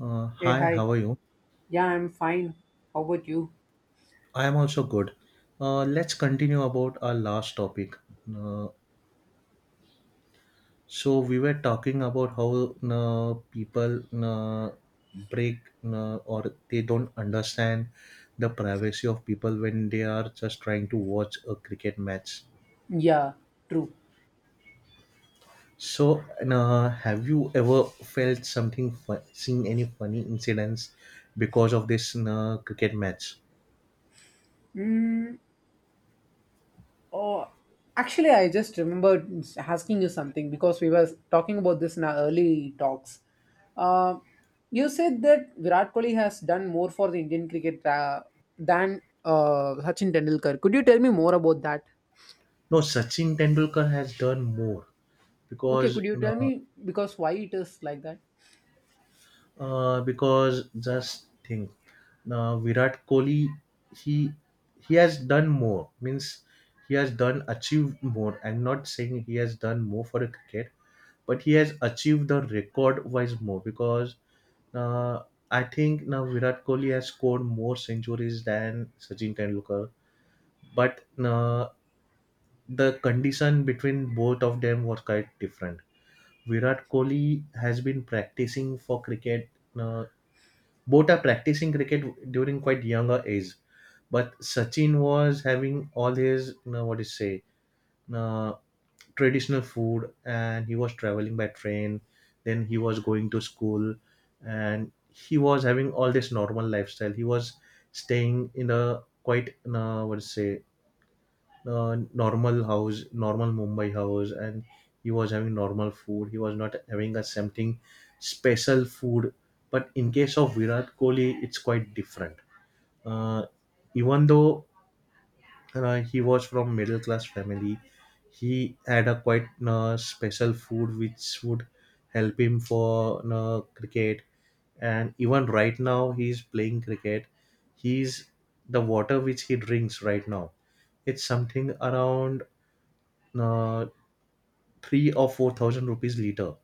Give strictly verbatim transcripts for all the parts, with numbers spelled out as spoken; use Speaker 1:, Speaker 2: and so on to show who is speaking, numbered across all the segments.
Speaker 1: Uh,
Speaker 2: Hey,
Speaker 1: hi,
Speaker 2: hi.
Speaker 1: how are you?
Speaker 2: Yeah, I'm fine. How about you?
Speaker 1: I am also good. Uh, let's continue about our last topic. Uh, so we were talking about how uh, people uh, break uh, or they don't understand the privacy of people when they are just trying to watch a cricket match.
Speaker 2: Yeah, true.
Speaker 1: So uh, have you ever felt something, fu- seen any funny incidents because of this uh, cricket match?
Speaker 2: Mm, oh, actually, I just remembered asking you something because we were talking about this in our early talks. Uh, you said that Virat Kohli has done more for the Indian cricket uh, than uh, Sachin Tendulkar. Could you tell me more about that?
Speaker 1: No, Sachin Tendulkar has done more
Speaker 2: Okay,
Speaker 1: because
Speaker 2: could you tell
Speaker 1: uh,
Speaker 2: me because why it is like that?
Speaker 1: Uh, because just think, uh, Virat Kohli, he he has done more. Means he has done achieved more. I'm not saying he has done more for the cricket, but he has achieved the record wise more because uh, I think now Virat Kohli has scored more centuries than Sachin Tendulkar. But uh, the condition between both of them was quite different. Virat Kohli has been practicing for cricket uh, both are practicing cricket during quite younger age. But Sachin was having all his, you know, what do you say, uh, traditional food, and he was traveling by train. Then he was going to school, and he was having all this normal lifestyle. He was staying in a quite, you know, what do you say, uh, normal house, normal Mumbai house, and he was having normal food. He was not having a something special food. But in case of Virat Kohli, it's quite different. Uh, Even though uh, he was from middle class family, he had a quite uh, special food which would help him for uh, cricket. And even right now, he is playing cricket. He's the water which he drinks right now it's something around uh, three or four thousand rupees liter.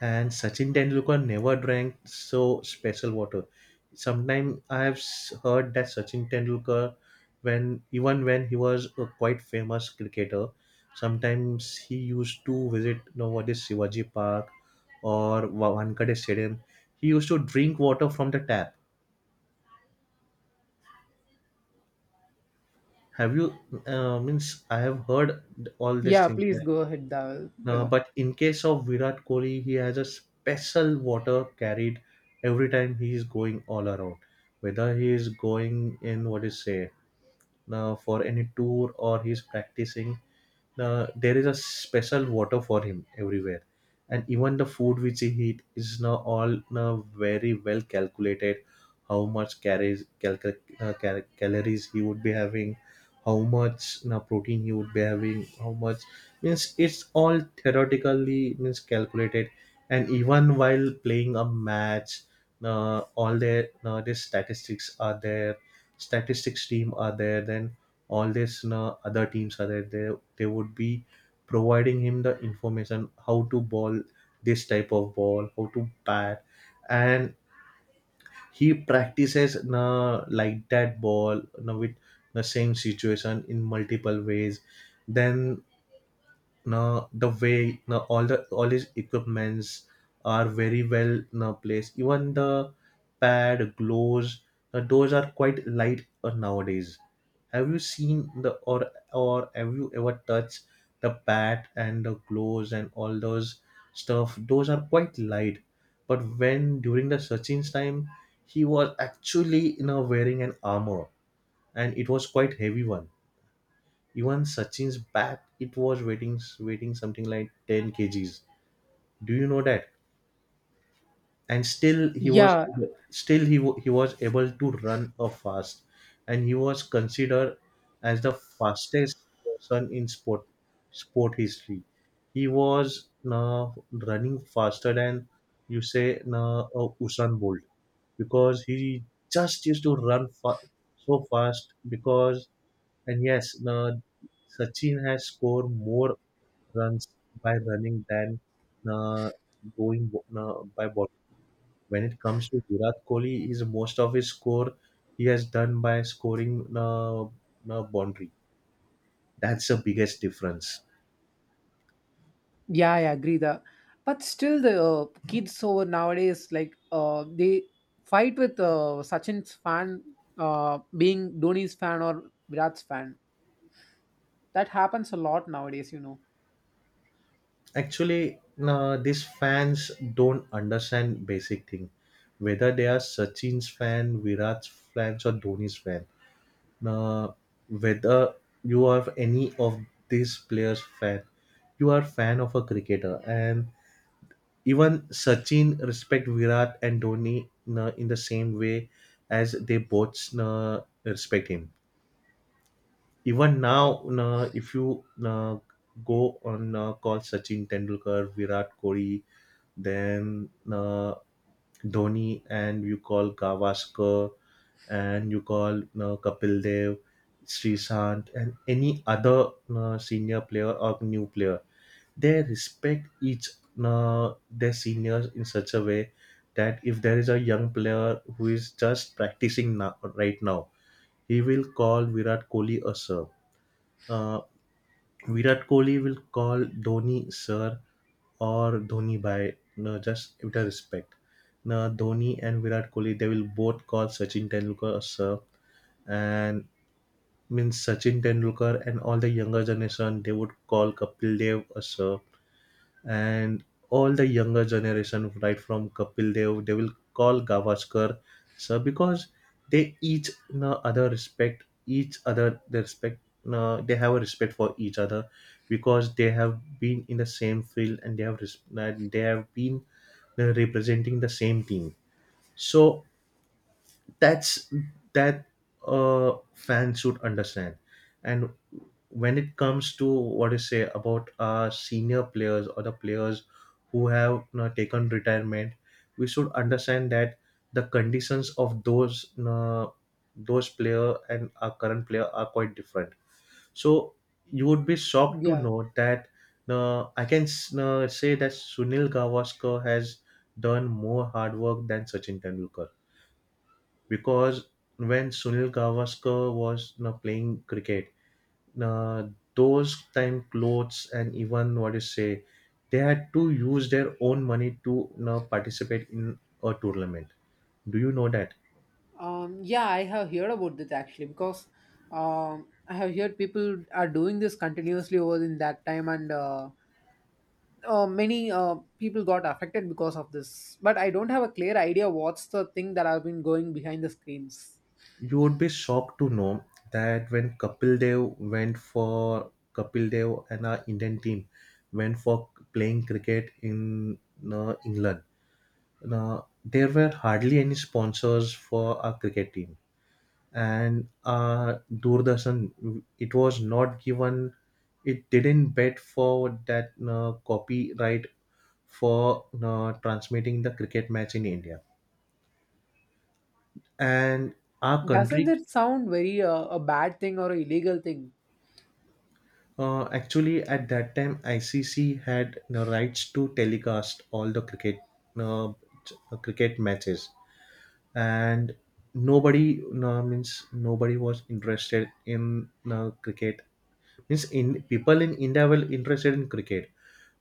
Speaker 1: And Sachin Tendulkar never drank so special water. Sometimes I have s- heard that Sachin Tendulkar, when even when he was a quite famous cricketer, sometimes he used to visit nowadays Shivaji Park or Wa- Wankhede Stadium. He used to drink water from the tap. Have you uh, means I have heard all these
Speaker 2: Yeah,
Speaker 1: things.
Speaker 2: please go ahead, uh,
Speaker 1: Uh,
Speaker 2: brother.
Speaker 1: but in case of Virat Kohli, he has a special water carried every time he is going all around. Whether he is going in what is say uh, for any tour or he's practicing, the there is a special water for him everywhere, and even the food which he eat is now all now very well calculated, how much calories cal- cal- uh, cal- calories he would be having, how much now protein he would be having, how much means it's all theoretically means calculated. And even while playing a match, uh, all their uh, these statistics are there, statistics team are there, then all these uh, other teams are there, they, they would be providing him the information how to ball this type of ball, how to bat. And he practices uh, like that ball uh, with the same situation in multiple ways. Then now the way now all the all these equipments are very well now placed. Even the pad, gloves, now those are quite light uh, nowadays. Have you seen the or or have you ever touched the pad and the gloves and all those stuff? Those are quite light. But when during the Sachin's time, he was actually you know wearing an armor, and it was quite heavy one, even Sachin's bat, it was weighing, weighing something like ten kgs. Do you know that? And still he was
Speaker 2: Yeah,
Speaker 1: still he, wa- he was able to run a fast, and he was considered as the fastest person in sport sport history. He was uh, running faster than you say uh, uh, Usain Bolt because he just used to run fa- so fast because. And yes, uh, Sachin has scored more runs by running than uh, going uh, by, when it comes to Virat Kohli, his most of his score he has done by scoring uh, a boundary. That's the biggest difference.
Speaker 2: Yeah, I agree. The But still the uh, kids over nowadays like uh, they fight with uh, Sachin's fan, uh, being Dhoni's fan or Virat's fan. That happens a lot nowadays, you know.
Speaker 1: Actually, uh, these fans don't understand basic thing. Whether they are Sachin's fan, Virat's fans, or Dhoni's fan, uh, whether you are any of these players fan, you are fan of a cricketer. And even Sachin respect Virat and Dhoni na in the same way as they both na respect him. Even now, na if you na go on uh, call Sachin Tendulkar, Virat Kohli, then uh, Dhoni, and you call Gavaskar, and you call uh, Kapil Dev, Sri Sant, and any other uh, senior player or new player, they respect each uh, their seniors in such a way that if there is a young player who is just practicing now right now, he will call Virat Kohli a sir. Uh, Virat Kohli will call Dhoni sir or Dhoni by no, just with a respect. Now Dhoni and Virat Kohli they will both call Sachin Tendulkar a sir and means Sachin Tendulkar and all the younger generation they would call Kapil Dev a sir, and all the younger generation right from Kapil Dev they will call Gavaskar sir because they each no other respect each other, they respect no, they have a respect for each other because they have been in the same field and they have res- and they have been uh, representing the same team. So that's that uh fans should understand. And when it comes to what you say about our senior players or the players who have you know, taken retirement, we should understand that the conditions of those you know, those player and our current player are quite different. So you would be shocked to
Speaker 2: Yeah.
Speaker 1: know that uh, I can uh, say that Sunil Gavaskar has done more hard work than Sachin Tendulkar because when Sunil Gavaskar was you know, playing cricket, uh, those time clothes and even what you say, they had to use their own money to you know, participate in a tournament. Do you know that?
Speaker 2: Um, yeah, I have heard about this actually because um, I have heard people are doing this continuously over in that time and uh, uh, many uh, people got affected because of this. But I don't have a clear idea what's the thing that has been going behind the screens.
Speaker 1: You would be shocked to know that when Kapil Dev went for Kapil Dev and our Indian team went for playing cricket in you England. Now, there were hardly any sponsors for our cricket team. And uh doordarshan it was not given, it didn't bet for that uh, copyright for uh, transmitting the cricket match in India. And our
Speaker 2: Doesn't
Speaker 1: country,
Speaker 2: it sound very uh, a bad thing or a illegal thing?
Speaker 1: uh, actually at that time ICC had you know, rights to telecast all the cricket uh, ch- cricket matches. And nobody no, means nobody was interested in uh, cricket, means in people in India were interested in cricket.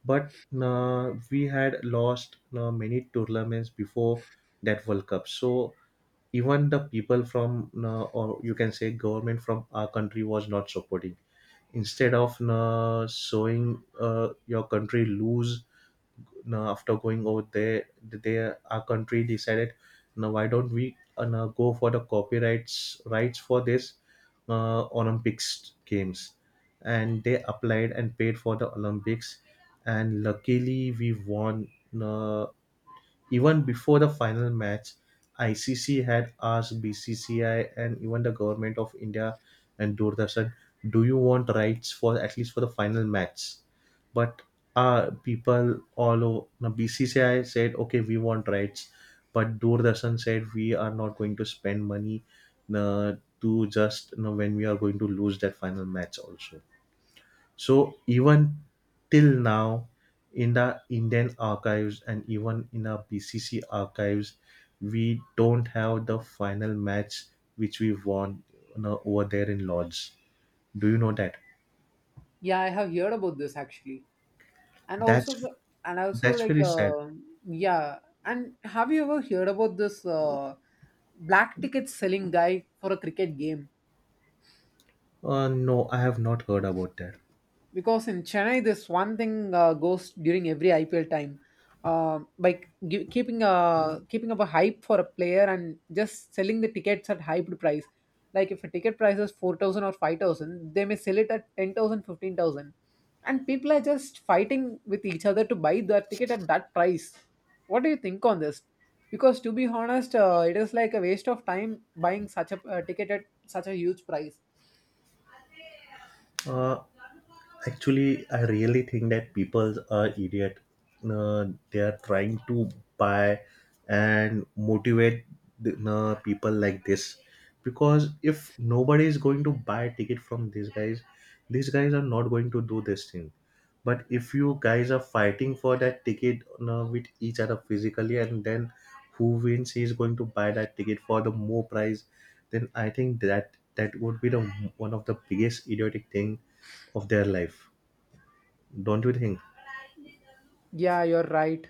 Speaker 1: But uh, we had lost uh, many tournaments before that world cup. So even the people from uh, or you can say government from our country was not supporting, instead of uh, showing uh, your country lose. Now, after going over there, they our country decided, now why don't we uh, now go for the copyrights rights for this uh, Olympics games, and they applied and paid for the Olympics, and luckily we won. Uh, Even before the final match, I C C had asked B C C I and even the government of India and Doordarshan, "Do you want rights for at least for the final match?" But uh, people all over B C C I said, "Okay, we want rights," but Doordarshan said, "We are not going to spend money uh, to just you know, when we are going to lose that final match also." So even till now, in the Indian archives and even in our B C C archives, we don't have the final match which we won you know, over there in Lords. Do you know that?
Speaker 2: Yeah, I have heard about this actually, and also
Speaker 1: That's
Speaker 2: the, and also
Speaker 1: that's
Speaker 2: like
Speaker 1: very sad.
Speaker 2: uh, yeah, and have you ever heard about this uh, black ticket selling guy for a cricket game?
Speaker 1: Uh, no, I have not heard about that.
Speaker 2: Because in Chennai, this one thing uh, goes during every I P L time, uh, by gi- keeping a keeping up a hype for a player and just selling the tickets at hyped price. Like if a ticket price is four thousand or five thousand, they may sell it at ten thousand, fifteen thousand, and people are just fighting with each other to buy the ticket at that price. What do you think on this? Because to be honest, uh, it is like a waste of time buying such a uh, ticket at such a huge price.
Speaker 1: Uh, Actually, I really think that people are idiot. Uh, they are trying to buy and motivate the, uh, people like this because if nobody is going to buy a ticket from these guys, these guys are not going to do this thing. But if you guys are fighting for that ticket uh, with each other physically, and then who wins is going to buy that ticket for the more price, then I think that that would be the one of the biggest idiotic thing of their life, don't you think?
Speaker 2: Yeah, you're right.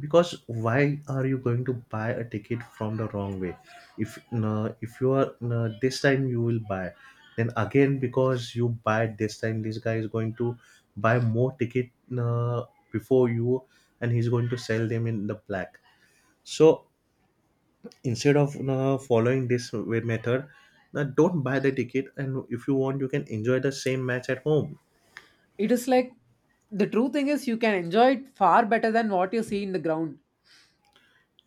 Speaker 1: Because why are you going to buy a ticket from the wrong way, if no, if you are no, this time you will buy then again because you buy this time this guy is going to buy more ticket no, before you, and he's going to sell them in the black. So instead of no, following this way method no, don't buy the ticket, and if you want you can enjoy the same match at home.
Speaker 2: It is like the true thing is you can enjoy it far better than what you see in the ground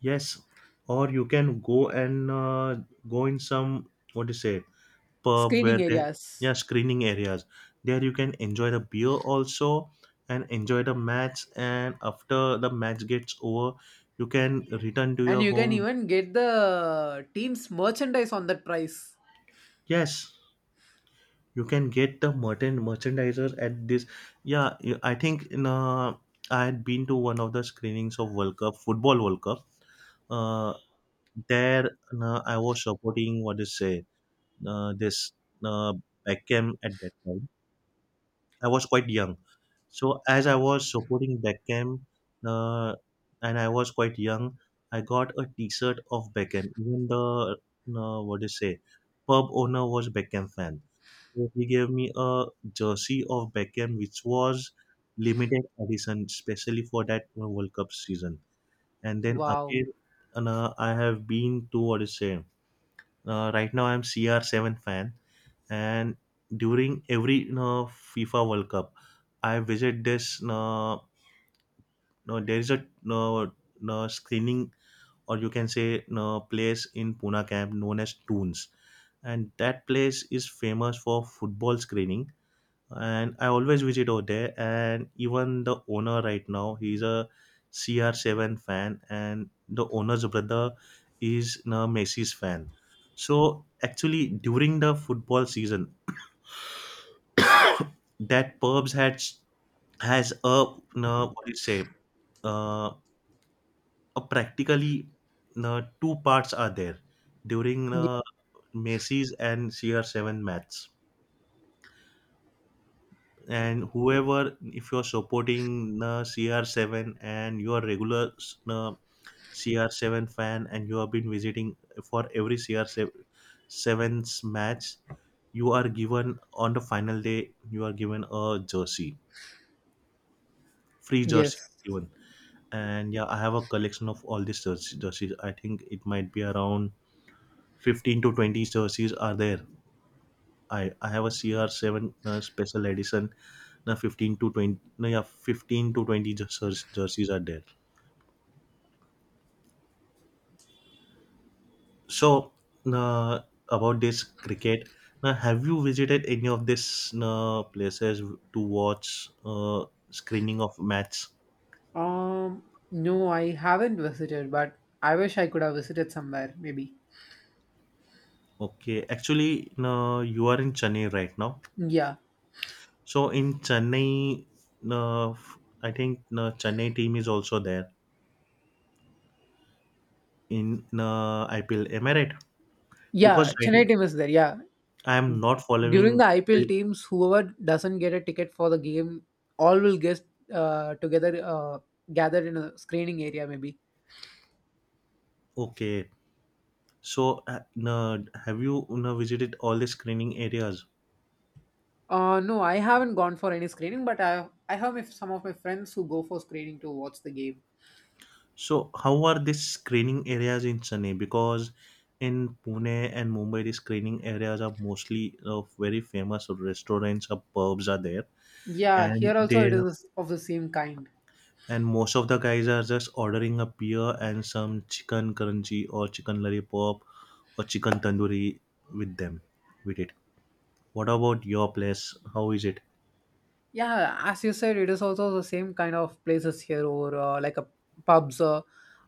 Speaker 1: Yes, or you can go and uh, go in some what do you say pub where
Speaker 2: screening
Speaker 1: they yeah
Speaker 2: areas.
Speaker 1: screening areas. There you can enjoy the beer also and enjoy the match. And after the match gets over, you can return to
Speaker 2: And
Speaker 1: your
Speaker 2: you can
Speaker 1: home.
Speaker 2: even get the team's merchandise on that price.
Speaker 1: Yes, you can get the merchant merchandiser at this. Yeah, you- I think in uh, I had been to one of the screenings of World Cup football World Cup. Uh, there uh, I was supporting what do you say uh, this uh, Beckham at that time. I was quite young. So as I was supporting Beckham uh, and I was quite young, I got a T-shirt of Beckham. Even the uh, what do you say, pub owner was Beckham fan. So he gave me a jersey of Beckham, which was limited edition, specially for that uh, World Cup season. And then
Speaker 2: Wow.
Speaker 1: again, and, uh, I have been to what do you say. Uh, right now, I'm C R seven fan, and during every you know, FIFA World Cup, I visit this. No, no, there is a no, no screening, or you can say no place in Pune camp known as Toons, and that place is famous for football screening. And I always visit over there, and even the owner right now, he's a C R seven fan, and the owner's brother is no Messi's fan. So actually, during the football season, that Purbs had has a no, what do you say uh, a practically no, two parts are there during
Speaker 2: Ye-
Speaker 1: uh, Macy's and C R seven match. And whoever, if you're supporting uh, C R seven and you're a regular uh, C R seven fan and you have been visiting for every CR7's match, you are given on the final day, you are given a jersey, free jersey
Speaker 2: Yes.
Speaker 1: given. And yeah, I have a collection of all these jerseys jerseys. I think it might be around fifteen to twenty jerseys are there. I i have a C R seven uh, special edition. Now fifteen to twenty, no, yeah, fifteen to twenty jerseys jerseys are there. So uh, about this cricket, now have you visited any of these uh, places to watch uh, screening of match?
Speaker 2: Um, no, I haven't visited, but I wish I could have visited somewhere, maybe.
Speaker 1: Okay, actually, no, you are in Chennai right now.
Speaker 2: Yeah.
Speaker 1: So in Chennai, uh, I think the Chennai team is also there in uh, I P L. Am I right? Because
Speaker 2: Yeah,
Speaker 1: right,
Speaker 2: Chennai
Speaker 1: n-
Speaker 2: team is there. Yeah.
Speaker 1: I am not
Speaker 2: During
Speaker 1: following
Speaker 2: the I P L
Speaker 1: I P L.
Speaker 2: teams, whoever doesn't get a ticket for the game, all will get uh, together, uh, gathered in a screening area, maybe.
Speaker 1: Okay. So uh, uh, have you uh, visited all the screening areas?
Speaker 2: Uh, no, I haven't gone for any screening, but I I have my, some of my friends who go for screening to watch the game.
Speaker 1: So how are these screening areas in Chennai? Because in Pune and Mumbai, the screening areas are mostly of very famous restaurants or pubs are there,
Speaker 2: Yeah,
Speaker 1: and
Speaker 2: here
Speaker 1: they
Speaker 2: also it is of the same kind.
Speaker 1: and most of the guys are just ordering a beer and some chicken crunchy or chicken lollipop or chicken tandoori with them with it. What about your place, how is it?
Speaker 2: Yeah, as you said, it is also the same kind of places here, or uh, like a pubs, uh,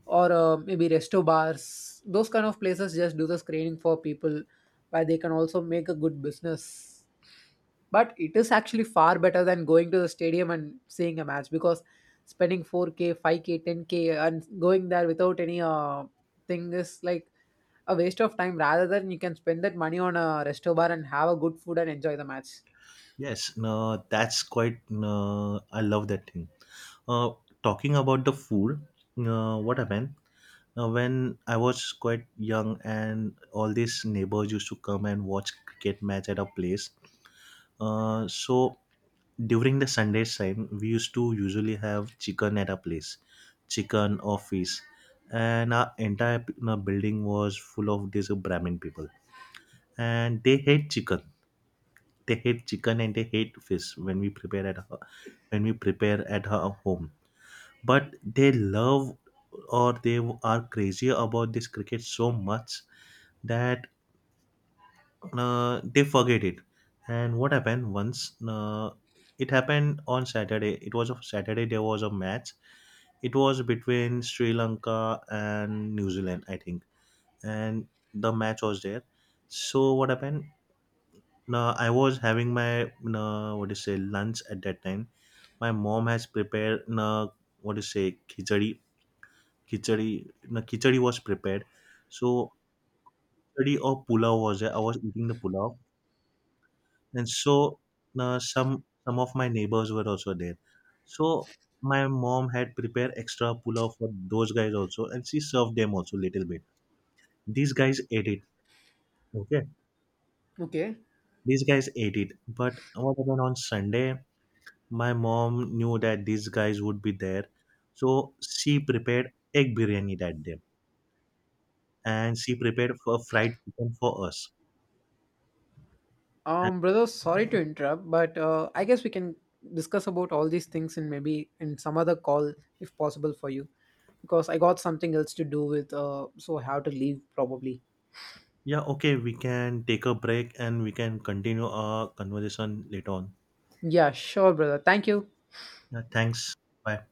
Speaker 2: or uh, maybe resto bars. Those kind of places just do the screening for people, where they can also make a good business. But it is actually far better than going to the stadium and seeing a match because spending four K, five K, ten K, and going there without any uh, thing is like a waste of time. Rather than you can spend that money on a resto bar and have a good food and enjoy the match.
Speaker 1: Yes, no, that's quite no, I love that thing. uh, Talking about the food, uh, what happened uh, when I was quite young and all these neighbors used to come and watch cricket match at our place, uh, so during the Sundays time, we used to usually have chicken at our place, chicken or fish, and our entire p- uh, building was full of these Brahmin people, and they hate chicken. They hate chicken and they hate fish when we prepare at her, when we prepare at her home. But they love or they are crazy about this cricket so much that uh, they forget it. And what happened once? Uh, it happened on Saturday. It was a Saturday. There was a match. It was between Sri Lanka and New Zealand, I think, and the match was there. So what happened? Now I was having my uh, what do you say lunch at that time. My mom has prepared uh, what do you say khichdi, khichdi, no khichdi was prepared. So khichdi or pulao was there. I was eating the pulao, and so uh, some some of my neighbors were also there. So my mom had prepared extra pulao for those guys also, and she served them also little bit. These guys ate it. Okay.
Speaker 2: Okay.
Speaker 1: These guys ate it, but what happened on Sunday? My mom knew that these guys would be there, so she prepared egg biryani that day, and she prepared for fried chicken for us. And
Speaker 2: Um, brother, sorry to interrupt, but uh, I guess we can discuss about all these things in maybe in some other call if possible for you, because I got something else to do with, uh, so I have to leave probably.
Speaker 1: yeah, okay, we can take a break and we can continue our conversation later on.
Speaker 2: Yeah, sure, brother. Thank you.
Speaker 1: Yeah, thanks. Bye.